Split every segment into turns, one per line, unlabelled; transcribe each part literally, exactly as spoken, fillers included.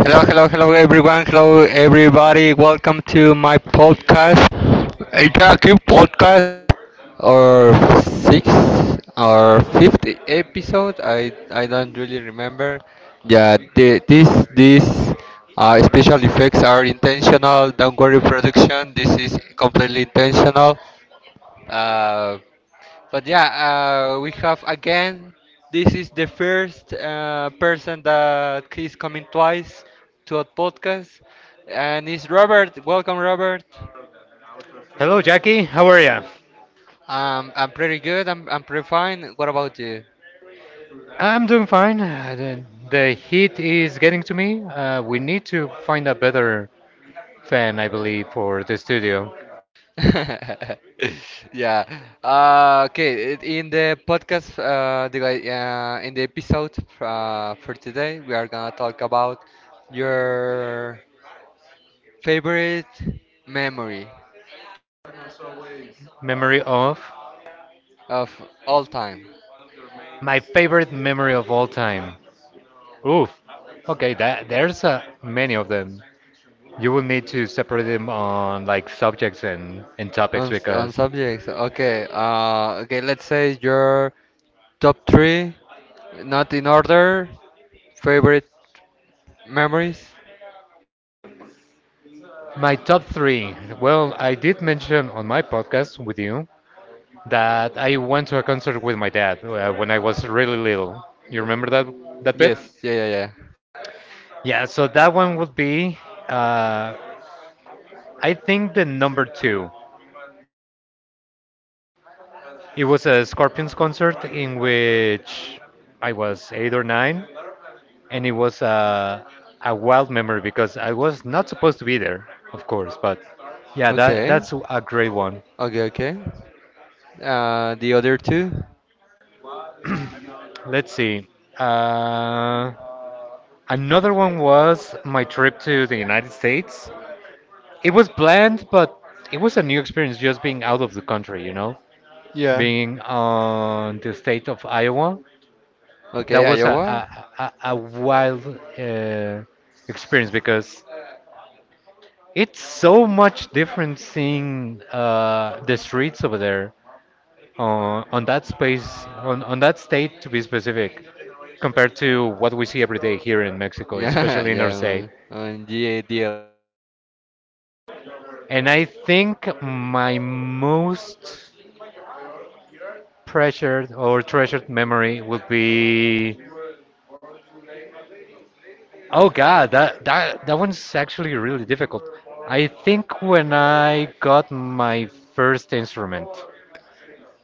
Hello, hello, hello, everyone. Hello, everybody. Welcome to my podcast, Itaki podcast, or sixth or fifth episode. I I don't really remember. Yeah, the, this this uh, special effects are intentional. Don't worry, production. This is completely intentional. Uh, but yeah, uh, we have again. This is the first uh, person that is coming twice to our podcast, and it's Robert. Welcome, Robert.
Hello, Jackie. How are you?
Um, I'm pretty good. I'm I'm pretty fine. What about you?
I'm doing fine. Uh, The, the heat is getting to me. Uh, we need to find a better fan, I believe, for the studio.
Yeah. Uh, okay. i- In the podcast, uh, the guy, uh, in the episode uh, for today, we are gonna talk about your favorite memory
Memory of
of all time.
My favorite memory of all time. Oof. Okay, that, there's uh, many of them. You will need to separate them on like subjects and, and topics
On s- on
because
subjects, okay. Uh, okay. Let's say your top three, not in order, favorite memories.
my top three. Well, I did mention on my podcast with you that I went to a concert with my dad uh, when I was really little. You remember that that bit?
Yes. Yeah. Yeah. Yeah.
Yeah, so that one would be, uh, I think, the number two. It was a Scorpions concert in which I was eight or nine, and it was a a wild memory because I was not supposed to be there, of course. But yeah, that
Okay.
that's a great one.
Okay. Okay. Uh, the other two.
Let's see. Uh, Another one was my trip to the United States. It was bland, but it was a new experience just being out of the country, you know,
Yeah.
being on the state of Iowa.
Okay.
That was a
Iowa.
a, a, a wild uh, experience because it's so much different seeing uh, the streets over there uh, on that space, on, on that state to be specific, compared to what we see every day here in Mexico,
Yeah.
especially in our state.
Yeah. On G A D L.
And I think my most pressured or treasured memory would be. Oh god, that that that one's actually really difficult. I think when I got my first instrument,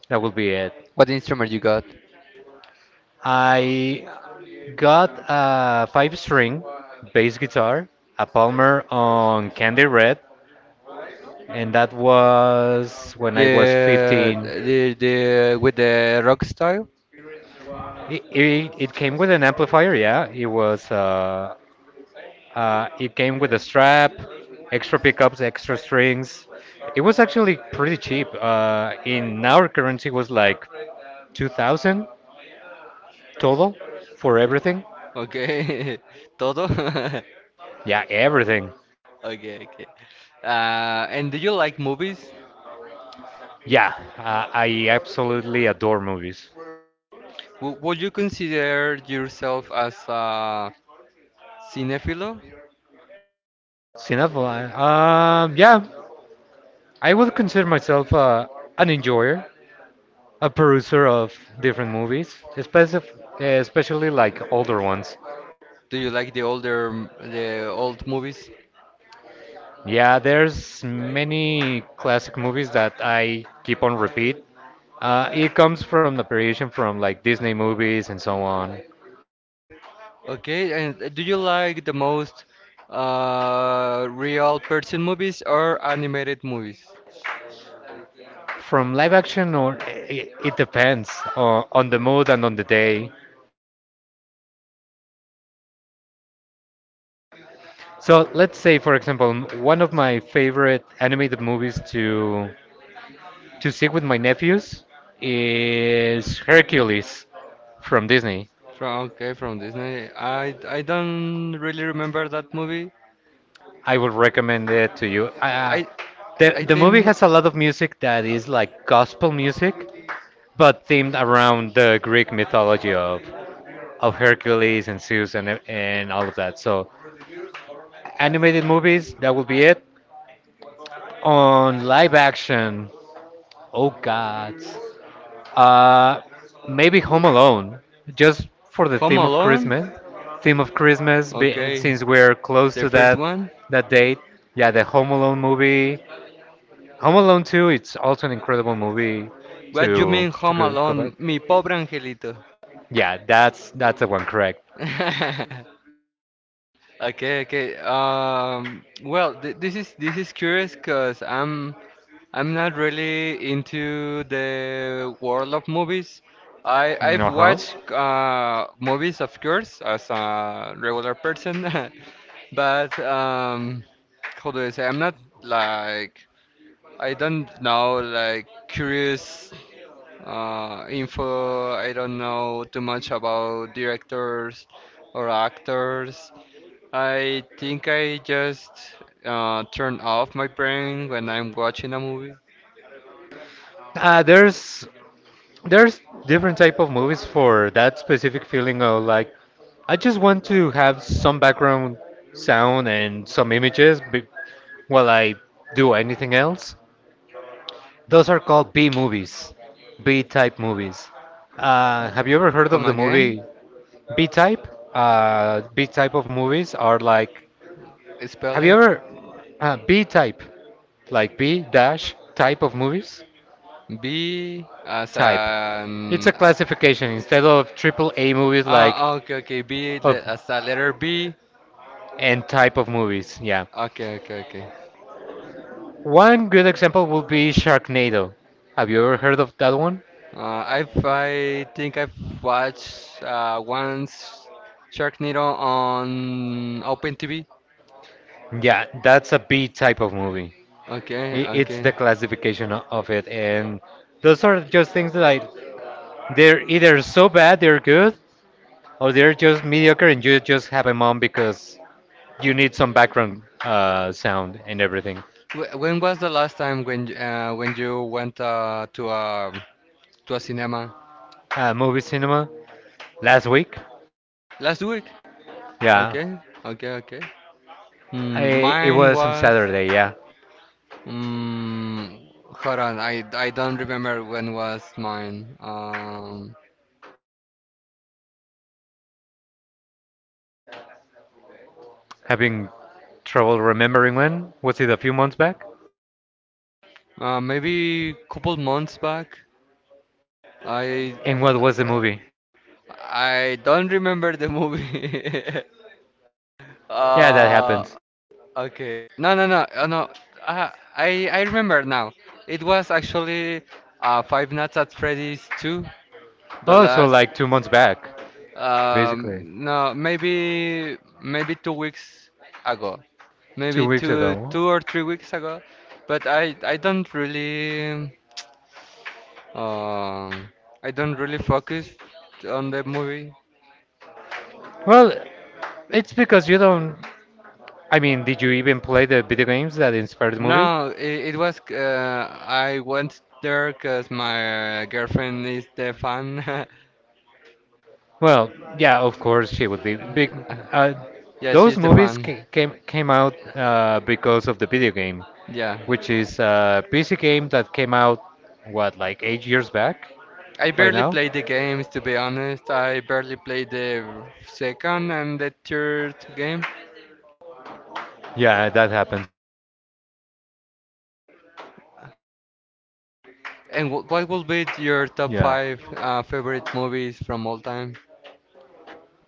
that would be it.
What instrument you got?
I got a five string bass guitar, a Palmer on candy red, and that was when I was
The
fifteen.
the the with the rock style.
It, it, it came with an amplifier. Yeah, it was uh, Uh, it came with a strap, extra pickups, extra strings. It was actually pretty cheap. Uh, in our currency was like two thousand total for everything.
Okay. Todo.
Yeah, everything.
Okay. Okay. Uh, and do you like movies?
Yeah, uh, I absolutely adore movies.
W- would you consider yourself as a cinephilo?
Cinephile. Um, yeah, I would consider myself uh, an enjoyer, a peruser of different movies, especially, especially like older ones.
Do you like the older, m- the old movies?
Yeah, there's many classic movies that I keep on repeat. Uh, it comes from the variation from like Disney movies and so on.
Okay, and do you like the most uh, real person movies or animated movies?
From live action or it, it depends on, on the mood and on the day. So let's say, for example, m- one of my favorite animated movies to to see with my nephews is Hercules from Disney.
From okay, from Disney. I I don't really remember that movie.
I would recommend it to you. Uh,
I
the
I
the movie
think
has a lot of music that
uh,
is like gospel music, but themed around the Greek mythology of of Hercules and Zeus and e- and all of that. So animated movies, that will be it. On live action, oh god, uh, maybe Home Alone, just for the
Home
theme of
Alone.
Christmas. Theme of Christmas, be,
Okay,
since we're close
the
to
first
that
one.
that date. Yeah, the Home Alone movie, Home Alone two. It's also an incredible movie
What you mean
to to
Home
go, go
Alone?
back.
Mi pobre angelito.
Yeah, that's that's the one, correct.
Okay, okay. Um, well, th this is this is curious because I'm I'm not really into the world of movies. I I've
Uh huh.
watched uh, movies, of course, as a regular person, but um, how do I say? I'm not like I don't know like curious uh, info. I don't know too much about directors or actors. I think I just uh, turn off my brain when I'm watching a movie.
Uh, there's there's different type of movies for that specific feeling of like I just want to have some background sound and some images be while I do anything else. Those are called B movies, B type movies. Uh, have you ever heard
Come
of the
again?
movie B type? Uh, B type of movies are like,
Spell
have you
it.
ever uh, B type, like B dash type of movies?
B as
Type. It's
an.
a classification instead of triple A movies like
Ah, okay, okay. B le-
Of
as a letter B.
and type of movies, yeah.
Okay, okay, okay.
One good example would be Sharknado. Have you ever heard of that one?
Uh, I've, I think I've watched uh, once Sharknado on Open T V.
Yeah, that's a B type of movie.
Okay,
I- It's
okay.
the classification o- of it, and those are just things that I, they're either so bad they're good, or they're just mediocre, and you just have them on because you need some background uh, sound and everything.
Wh- When was the last time when y- uh, when you went uh, to a to a cinema?
Uh, movie cinema last week,
Last week?
yeah.
Okay, okay, okay. Mm,
I, it
mine
was on
was.
Saturday, yeah.
Mm, Hold on, I, I don't remember when was mine. Um,
Having trouble remembering when? Was it a few months back?
uh, maybe couple months back. I
And what was the movie?
I don't remember the movie.
Yeah, that
uh,
happens.
okay. No, no, no, uh, no. Uh, I I remember now. It was actually uh, Five Nights at Freddy's two, the
Oh, so
last
like two months back, basically.
Um, no, maybe maybe two weeks ago, maybe
Two weeks
two
ago.
two or three weeks ago, but I I don't really um I don't really focus on the movie.
Well, it's because you don't. I mean, did you even play the video games that inspired the movie?
No, it, it was uh, I went there 'cause my girlfriend is the fan.
Well, yeah, of course she would be big.
Yeah,
Uh,
yeah, she's
those
the
movies
fan.
ca- came came out uh, because of the video game,
Yeah.
which is a P C game that came out what like eight years back
I
by
barely
now.
played the games to be honest. I barely played the second and the third game.
Yeah, that happens.
And wh- what will be your top
Yeah.
five uh, favorite movies from all time?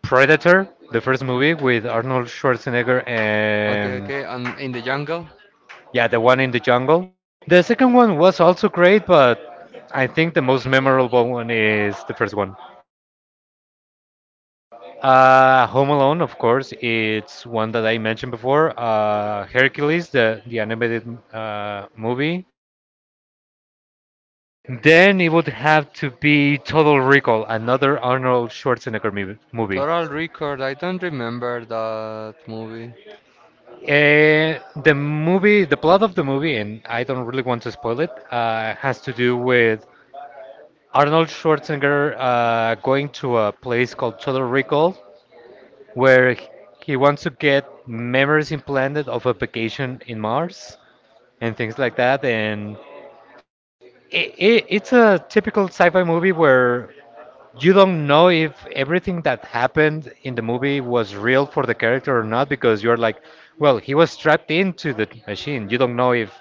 Predator, the first movie with Arnold Schwarzenegger
Okay,
and
okay. And in the jungle,
yeah, the one in the jungle. The second one was also great, but I think the most memorable one is the first one. Uh, Home Alone, of course, it's one that I mentioned before. Uh, Hercules, the the animated uh, movie. Then it would have to be Total Recall, another Arnold Schwarzenegger mov- movie.
Total Record. I don't remember that movie.
Uh, the movie, the plot of the movie, and I don't really want to spoil it, uh, has to do with Arnold Schwarzenegger uh, going to a place called Total Recall, where h- he wants to get memories implanted of a vacation in Mars and things like that. And I I it's a typical sci-fi movie where you don't know if everything that happened in the movie was real for the character or not because you're like, well, he was strapped into the machine. You don't know if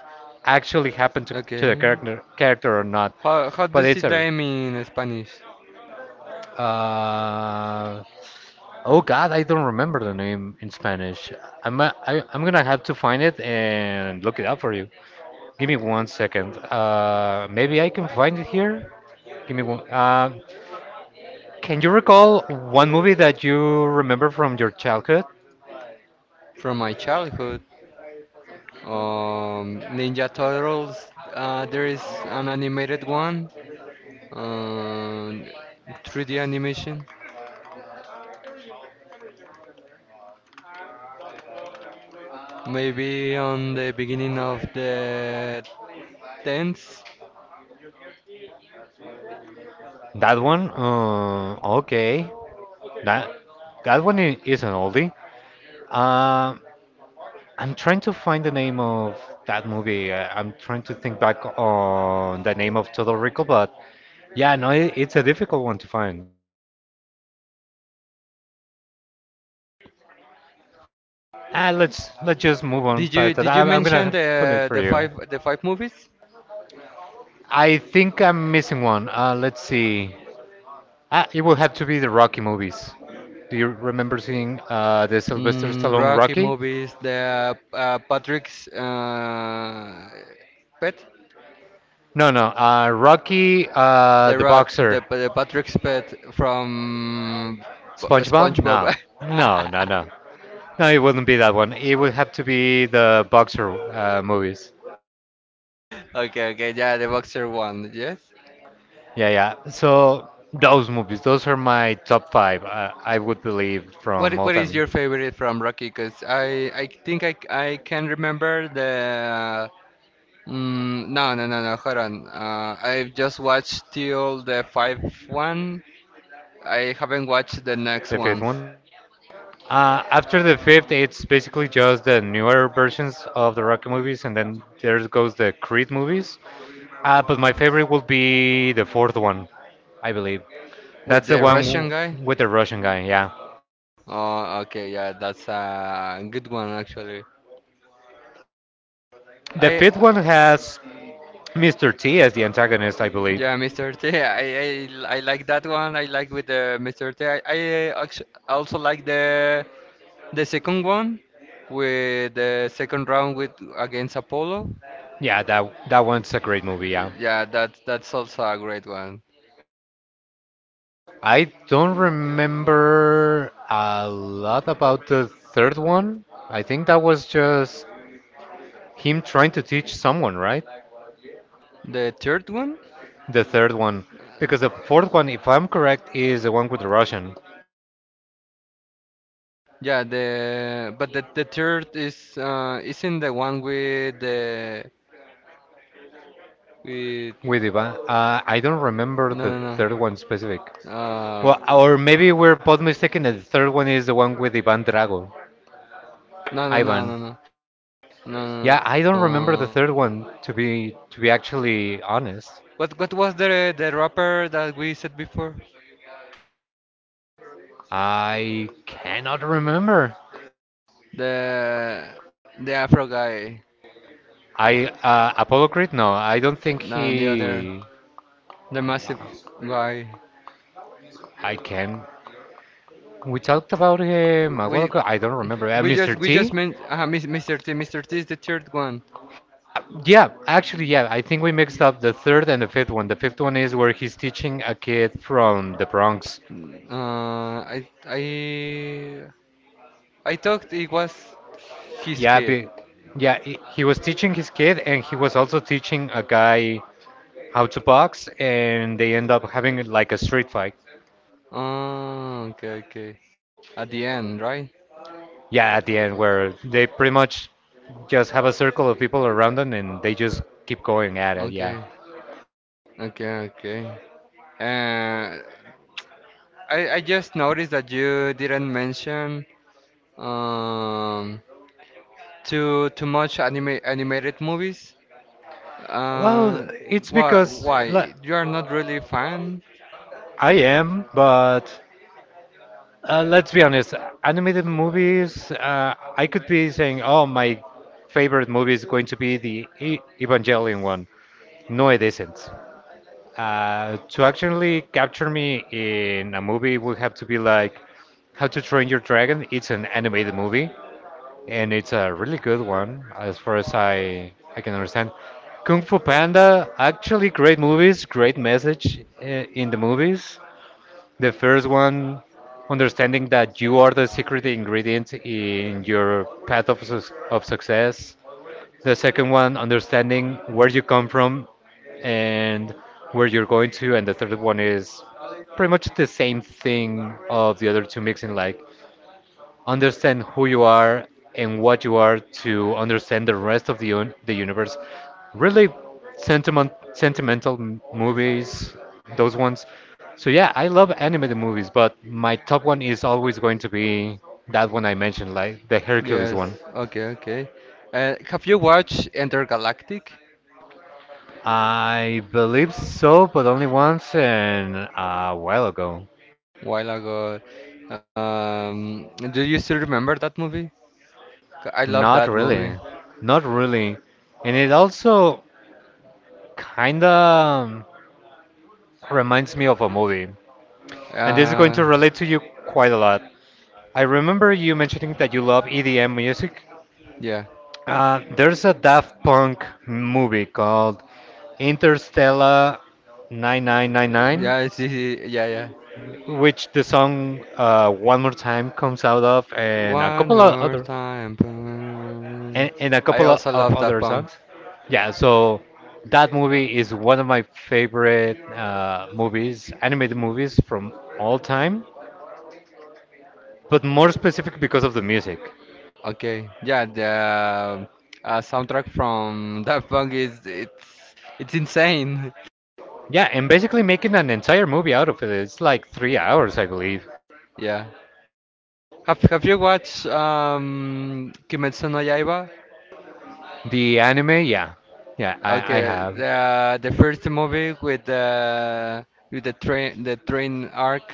actually happened to, to the
Okay.
character character or not.
How how
But
does
it's
it
a
name in Spanish?
uh, oh God, I don't remember the name in Spanish. I'm a, I, I'm gonna have to find it and look it up for you. Give me one second. Uh, maybe I can find it here. Give me one. Uh, Can you recall one movie that you remember from your childhood?
From my childhood. Um, Ninja Turtles. Uh, there is an animated one. Um, three D animation. Maybe on the beginning of the tens.
That one? Uh, okay. That that one i- is an oldie. Um, I'm trying to find the name of that movie. I, I'm trying to think back on the name of Total Recall, but yeah, no, it, it's a difficult one to find. Ah, let's let's just move on
Did you
past that.
did
I,
you
I'm gonna
mention the
put it for
the
you.
five the five movies?
I think I'm missing one. Uh, let's see. Ah, it will have to be the Rocky movies. Do you remember seeing uh, the Sylvester
Mm,
Stallone
Rocky
Rocky?
movies, the uh, Patrick's uh, pet,
No, no. Uh, Rocky, uh, the
the Rock,
boxer.
the the Patrick's pet from
SpongeBob? No.
SpongeBob.
No, no, no. No, it wouldn't be that one. It would have to be the boxer uh, movies.
Okay, okay, yeah, the boxer one, yes.
Yeah, yeah. So those movies, those are my top five, uh, I would believe, from
What i-
all
what
time.
is your favorite from Rocky? Cause I I think I c- I can remember the. Mm, no no no no. Hold on. Uh, I've just watched till the five one. I haven't watched the
The
next
fifth one.
ones
Uh, after the fifth, it's basically just the newer versions of the Rocky movies, and then there goes the Creed movies. Uh, but my favorite would be the fourth one, I believe. That's
with
the
the
one w-
Russian guy.
with the Russian guy, yeah.
Oh, okay, yeah, that's a good one actually.
The
I,
fifth one has mister T as the antagonist, I believe.
yeah, Mister T. I, I, I like that one. I like with the Mister T. I, I actu- also like the the second one with the second round with against Apollo.
Yeah, that that one's a great movie, yeah.
Yeah, that that's also a great one.
I don't remember a lot about the third one. I think that was just him trying to teach someone, right?
The third one?
The third one. Because the fourth one, if I'm correct, is the one with the Russian,
Yeah, the but the, the third is uh isn't the one with the with.
with Ivan. Uh, I don't remember the
No, no,
third one specific.
no. Uh,
Well, or maybe we're both mistaken. That The third one is the one with Ivan Drago.
no, no, no,
Ivan.
no, no, no.
Yeah, I don't remember
No.
the
Uh,
third one. To be to be actually honest,
What what was the the rapper that we said before?
I cannot remember.
The the Afro guy.
I uh, Apollo Creed. No, I don't think
No, the other,
he.
the massive guy.
I can. We talked about him a while
We
ago. I don't remember. Uh,
we
mister
just we
T.
just meant uh, Mister T. Mister T is the third one.
Yeah, actually, yeah. I think we mixed up the third and the fifth one. The fifth one is where he's teaching a kid from the Bronx.
Uh, I I I thought it was his
Yeah,
kid.
be, yeah, he he was teaching his kid, and he was also teaching a guy how to box, and they end up having like a street fight.
Oh, okay, okay. At the end, right?
Yeah, at the end, where they pretty much just have a circle of people around them, and they just keep going at it. Yeah.
Okay, okay, okay. Uh, I, I just noticed that you didn't mention um, too too much anime animated movies.
Well,
Uh,
it's
why
because
why
like,
you are not really fan?
I am, but uh, let's be honest, animated movies. Uh, I could be saying, oh, my favorite movie is going to be the e Evangelion one. No, it isn't. Uh, to actually capture me in a movie would have to be like How to Train Your Dragon. It's an animated movie, and it's a really good one as far as I I can understand. Kung Fu Panda, actually great movies, great message uh, in the movies. The first one, understanding that you are the secret ingredient in your path of, suc of success. The second one, understanding where you come from and where you're going to, and the third one is pretty much the same thing of the other two mixing, like understand who you are and what you are to understand the rest of the un the universe. Really sentiment sentimental m- movies, those ones. So yeah, I love animated movies, but my top one is always going to be that one I mentioned, like the Hercules
Yes.
one.
Okay. Okay. Uh, have you watched Intergalactic?
I believe so, but only once and a while ago.
While ago. Um, do you still remember that movie? C- I love
Not
that
really.
movie.
Not really. And it also kind of reminds me of a movie. And this is going
Uh,
to relate to you quite a lot. I remember you mentioning that you love E D M music.
yeah.
Uh, there's a Daft Punk movie called Interstellar nine nine nine nine,
Yeah. It's easy. Yeah. Yeah.
which the song uh, One More Time comes out of, and a
One
couple of
more
other.
time.
and,
Boom.
and a
I
couple o-
also
of
love that.
other songs. Yeah, so that movie is one of my favorite uh, movies, animated movies from all time, but more specific because of the music.
Okay, yeah, the uh, soundtrack from Daft Punk is it's it's insane.
Yeah, and basically making an entire movie out of it. It's like three hours, I believe.
Yeah. Have Have you watched um Kimetsu no Yaiba?
The anime, yeah, yeah, I, I
Okay,
have
the the first movie with the with the train the train arc.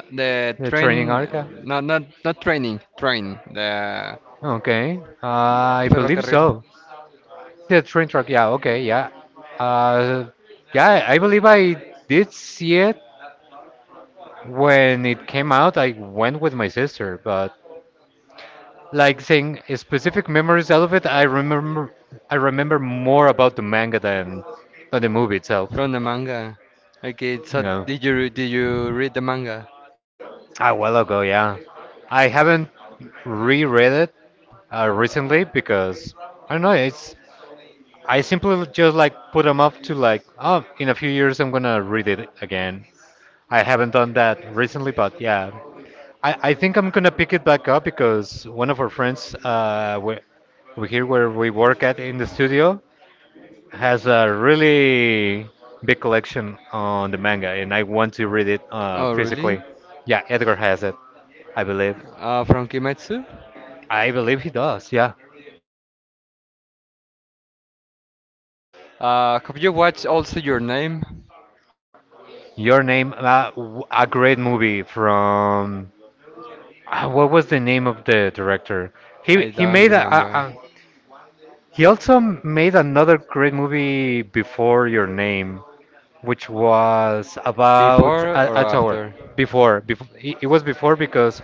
Uh, the
the
train,
training arca.
not, not, not training train, the
Okay, I believe
ferrocarril
so. The train track, yeah, okay, yeah, uh, yeah, I believe I did see it when it came out. I went with my sister, but like saying specific memories out of it, I remember I remember more about the manga than than the movie itself.
from the manga. Okay, so
Yeah,
did you did you read the manga?
a while ago, yeah. I haven't reread it uh, recently because I don't know. It's I simply just like put them up to like, oh, in a few years I'm gonna read it again. I haven't done that recently, but yeah, I, I think I'm gonna pick it back up because one of our friends, uh, we, we here where we work at in the studio, has a really big collection on the manga, and I want to read it uh,
Oh, really?
physically. Yeah, Edgar has it, I believe.
Uh, from Kimetsu?
I believe he does. Yeah.
Uh, have you watched also your name?
Your name, uh, w- a great movie from uh, what was the name of the director? He
I
he
don't
made a, a,
remember.
a he also made another great movie before Your Name, which was about
Before or
a, a tower.
after?
Before, before it, it was before because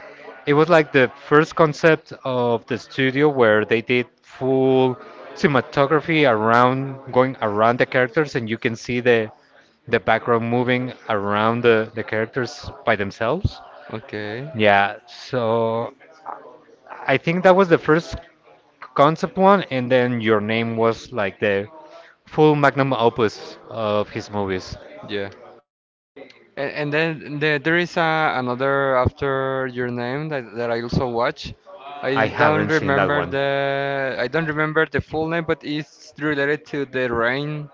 it was like the first concept of the studio where they did full cinematography around going around the characters and you can see the the background moving around the, the characters by themselves.
Okay,
Yeah, so I think that was the first concept one, and then Your Name was like the full magnum opus of his movies.
yeah. And, and then the, there is a, another after your name that, that I also watch.
I
I don't
haven't seen that
remember
one
the I don't remember the full name, but it's related to the rain.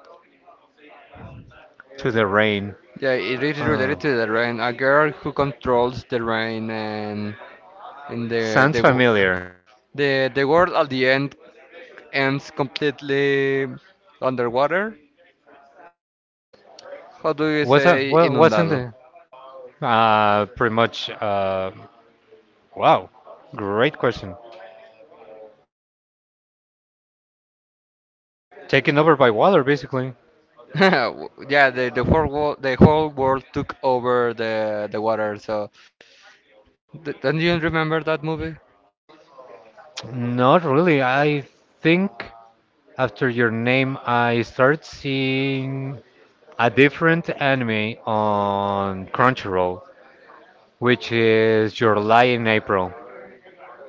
to the rain.
Yeah, it is
Uh,
related to the rain. A girl who controls the rain, and and the
sounds
the wo-
familiar.
the the world at the end ends completely underwater. How do you
Was a
say
what? Wasn't
inundado?
it? Uh, pretty much. Uh, wow, great question. Taken over by water, basically.
W- yeah, the the whole world, the whole world took over the the water. So d don't you remember that movie?
Not really. I think after Your Name, I started seeing a different anime on Crunchyroll, which is Your Lie in April.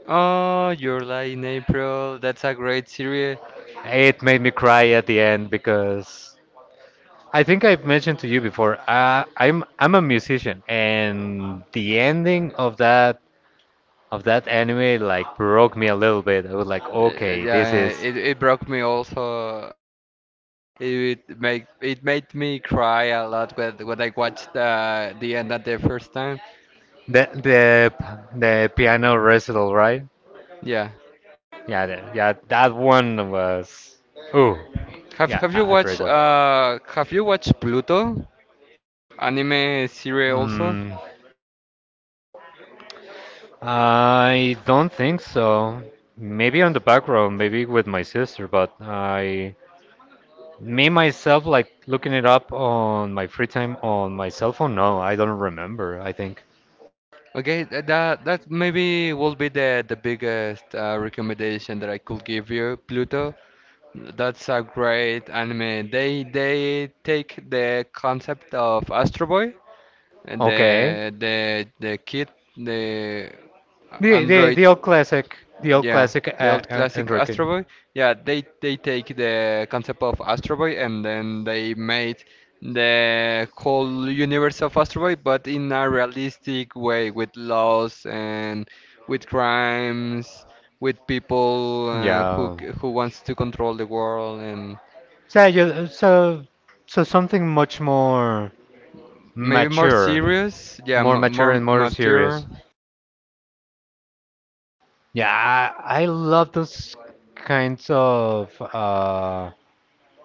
Oh, Your Lie in April. That's a great series.
It made me cry at the end because I think I've mentioned to you before. Uh, I'm I'm a musician, and the ending of that of that anime like broke me a little bit. I was like,
Uh, Yeah,
okay, this
yeah,
is
it it broke me also. It make it made me cry a lot when when I watched uh, the end at the first time.
the the the piano recital, right?
Yeah.
Yeah, the, yeah, that one was. Ooh,
Have
yeah,
have you
a a great
watched
one.
uh have you watched Pluto anime series also?
Mm, I don't think so. Maybe on the background, maybe with my sister, but I, me myself, like looking it up on my free time on my cell phone. No, I don't remember. I think.
Okay, tha- that that maybe will be the the biggest uh, recommendation that I could give you, Pluto. That's a great anime. They they take the concept of Astro Boy and the
Okay.
the the kid the
The the the
android
old classic, the old
yeah,
classic uh,
the old
uh,
classic
Android
Astro
game.
Boy. Yeah, they they take the concept of Astro Boy and then they made the whole universe of Astro Boy, but in a realistic way with laws and with crimes, with people uh, who
Yeah.
c- who wants to control the world and
So you, so so something much more
maybe more
mature,
serious. Yeah,
more
m
mature
more
and more serious.
mature.
Yeah, I, I love those kinds of uh,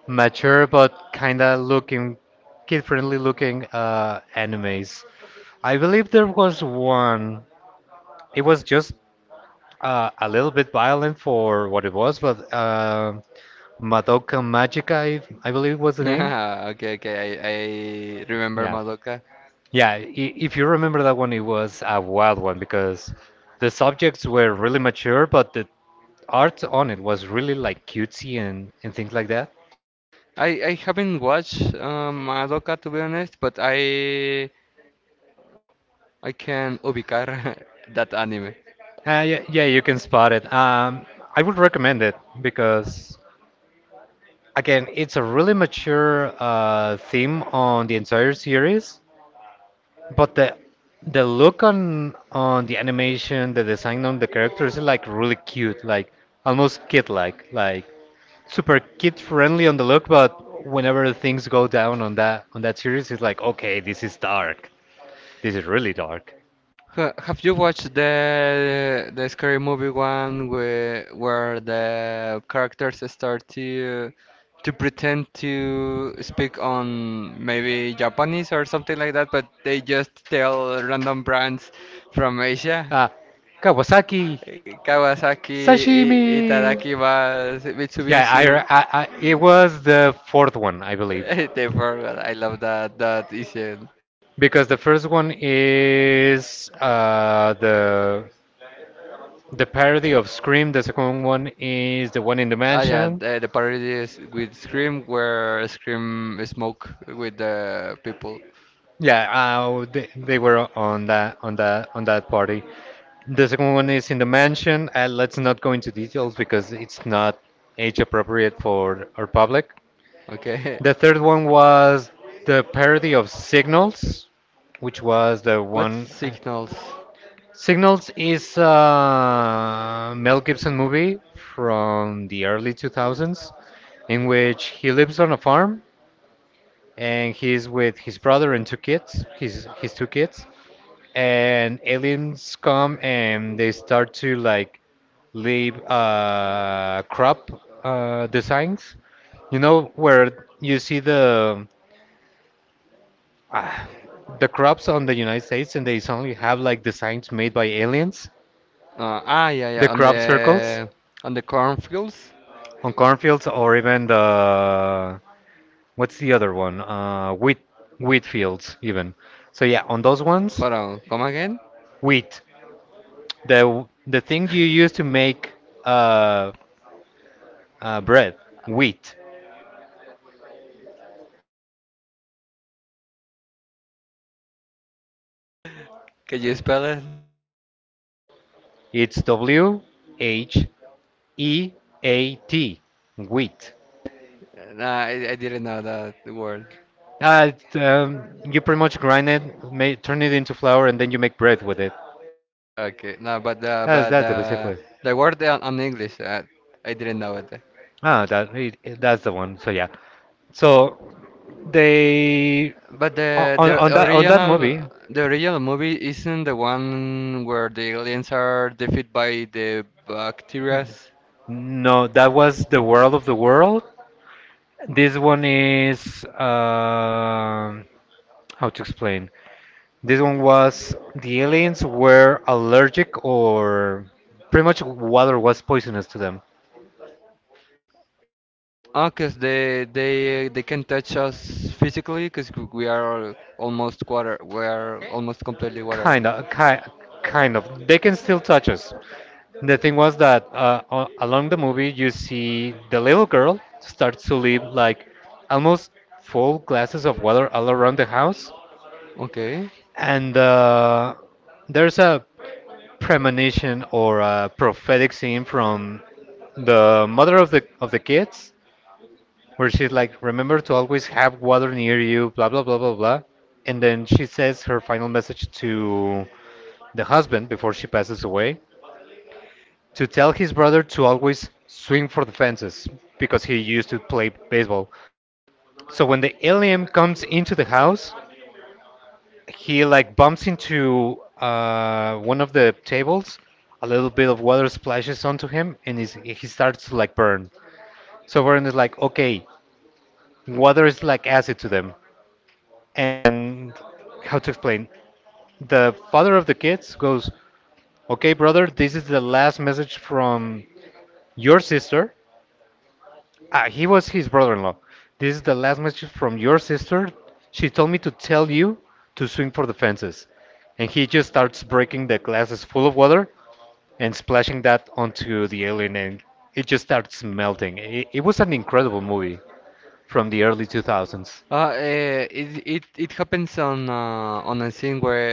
mature but kind of looking kid-friendly looking uh, animes. I believe there was one. It was just uh, a little bit violent for what it was, but uh, Madoka Magica, I, I believe was the name.
Okay, okay, I I remember
Yeah.
Madoka.
Yeah, i- if you remember that one, it was a wild one because the subjects were really mature, but the art on it was really like cutesy and, and things like that.
I I haven't watched um, Madoka to be honest, but I I can ubicar that anime.
Uh, yeah, yeah, you can spot it. Um, I would recommend it because, again, it's a really mature uh, theme on the entire series. But the the look on on the animation, the design on the characters is like really cute, like almost kid-like, like super kid-friendly on the look, but whenever things go down on that on that series, it's like, okay, this is dark. This is really dark.
Ha- have you watched the the scary movie one where where the characters start to to pretend to speak on maybe Japanese or something like that, but they just tell random brands from Asia?
Ah, Kawasaki
Eh, Kawasaki, I
sashimi.
Itadaki, Mas-
Yeah,
Mitsubishi.
I, I, I it was the fourth one, I believe,
They forgot. I love that that issue.
because the first one is uh the The parody of Scream, the second one is the one in the
Ah, yeah,
mansion.
the, the parody is with Scream, where Scream smoke with the people.
Yeah, uh, they, they were on that on that on that party. The second one is in the mansion. Uh, let's not go into details because it's not age appropriate for our public.
Okay,
The third one was the parody of Signals, which was the
what
one. uh,
signals?
Signals is a Mel Gibson movie from the early two thousands in which he lives on a farm, and he's with his brother and two kids, his his two kids. And aliens come and they start to like leave uh, crop uh, designs. You know where you see the ah, the crops on the United States and they suddenly have like designs made by aliens.
Uh, ah, yeah, yeah,
The
on
crop circles
the on the cornfields.
on cornfields or even the what's the other one? Uh, wheat wheat fields even. So yeah, on those ones,
Hold on, come again?
wheat. The the thing you use to make uh, uh, bread, wheat.
Can you spell it?
It's W H E A T, wheat.
Nah, I, I didn't know that word.
Uh, it, um, you pretty much grind it, ma turn it into flour, and then you make bread with it.
Okay, no, but uh,
That's
but
that's
uh,
basically.
the word on, on English, uh, I didn't know it.
Ah, that it, it- that's the one. So yeah. So they
But
o-
the
on
the
on that on that
original
movie.
the original movie isn't the one where the aliens are defeated by the bacterias.
No, that was the world of the world. This one is um, how to explain. This one was the aliens were allergic, or pretty much water was poisonous to them.
Oh, 'cause they they they can touch us physically, 'cause we are almost water. We are almost completely water.
Kind of, ki Kind of. They can still touch us. The thing was that uh, a- along the movie you see the little girl starts to leave like almost full glasses of water all around the house,
Okay.
and uh, there's a premonition or a prophetic scene from the mother of the of the kids, where she's like, remember to always have water near you, blah, blah, blah, blah, blah. And then she says her final message to the husband before she passes away, to tell his brother to always swing for the fences because he used to play baseball. So when the alien comes into the house, he like bumps into uh, one of the tables. A little bit of water splashes onto him, and he's, he starts to like burn. So Vern is like, okay, water is like acid to them. And how to explain, the father of the kids goes, okay, brother, this is the last message from your sister. Ah, he was his brother-in-law. This is the last message from your sister. She told me to tell you to swing for the fences. And he just starts breaking the glasses full of water and splashing that onto the alien, and it just starts melting it. It was an incredible movie from the early two thousands.
Uh, eh, it it it happens on uh, on a scene where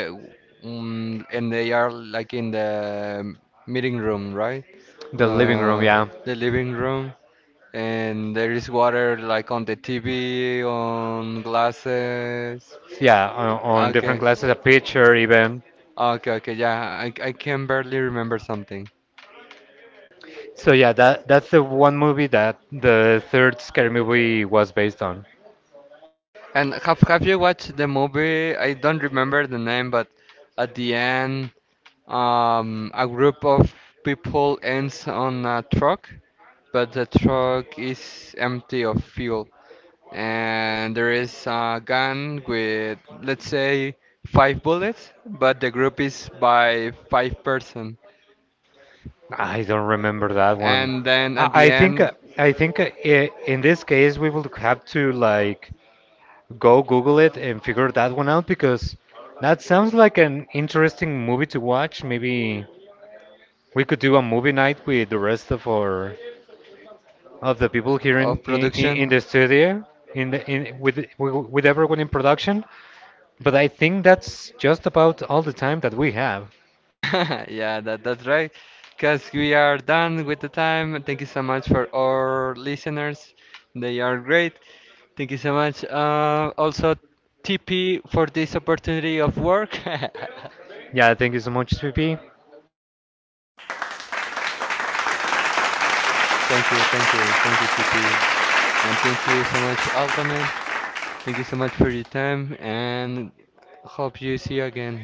mm and they are like in the meeting room, right?
The living
Uh,
room, yeah,
the living room. And there is water like on the T V, on glasses.
yeah, on, on
Okay.
different glasses, a picture even.
Okay, okay, yeah. I, I can barely remember something.
So yeah, that that's the one movie that the third scary movie was based on.
And have have you watched the movie? I don't remember the name, but at the end, um, a group of people ends on a truck, but the truck is empty of fuel, and there is a gun with, let's say, five bullets, but the group is by five person.
I don't remember that one.
And then at
I,
the
I think
end
uh, I think uh, i- in this case we will have to like go Google it and figure that one out because that sounds like an interesting movie to watch. Maybe we could do a movie night with the rest of our of the people here
of
in in,
production.
in the studio. In the, in with with everyone in production, but I think that's just about all the time that we have.
Yeah, that, that's right. Because we are done with the time. Thank you so much for our listeners. They are great. Thank you so much. Uh, also, T P for this opportunity of work.
Yeah, thank you so much, P. P.
Thank you, thank you, thank you, T P. And thank you so much, Ultimate. Thank you so much for your time and hope you see you again.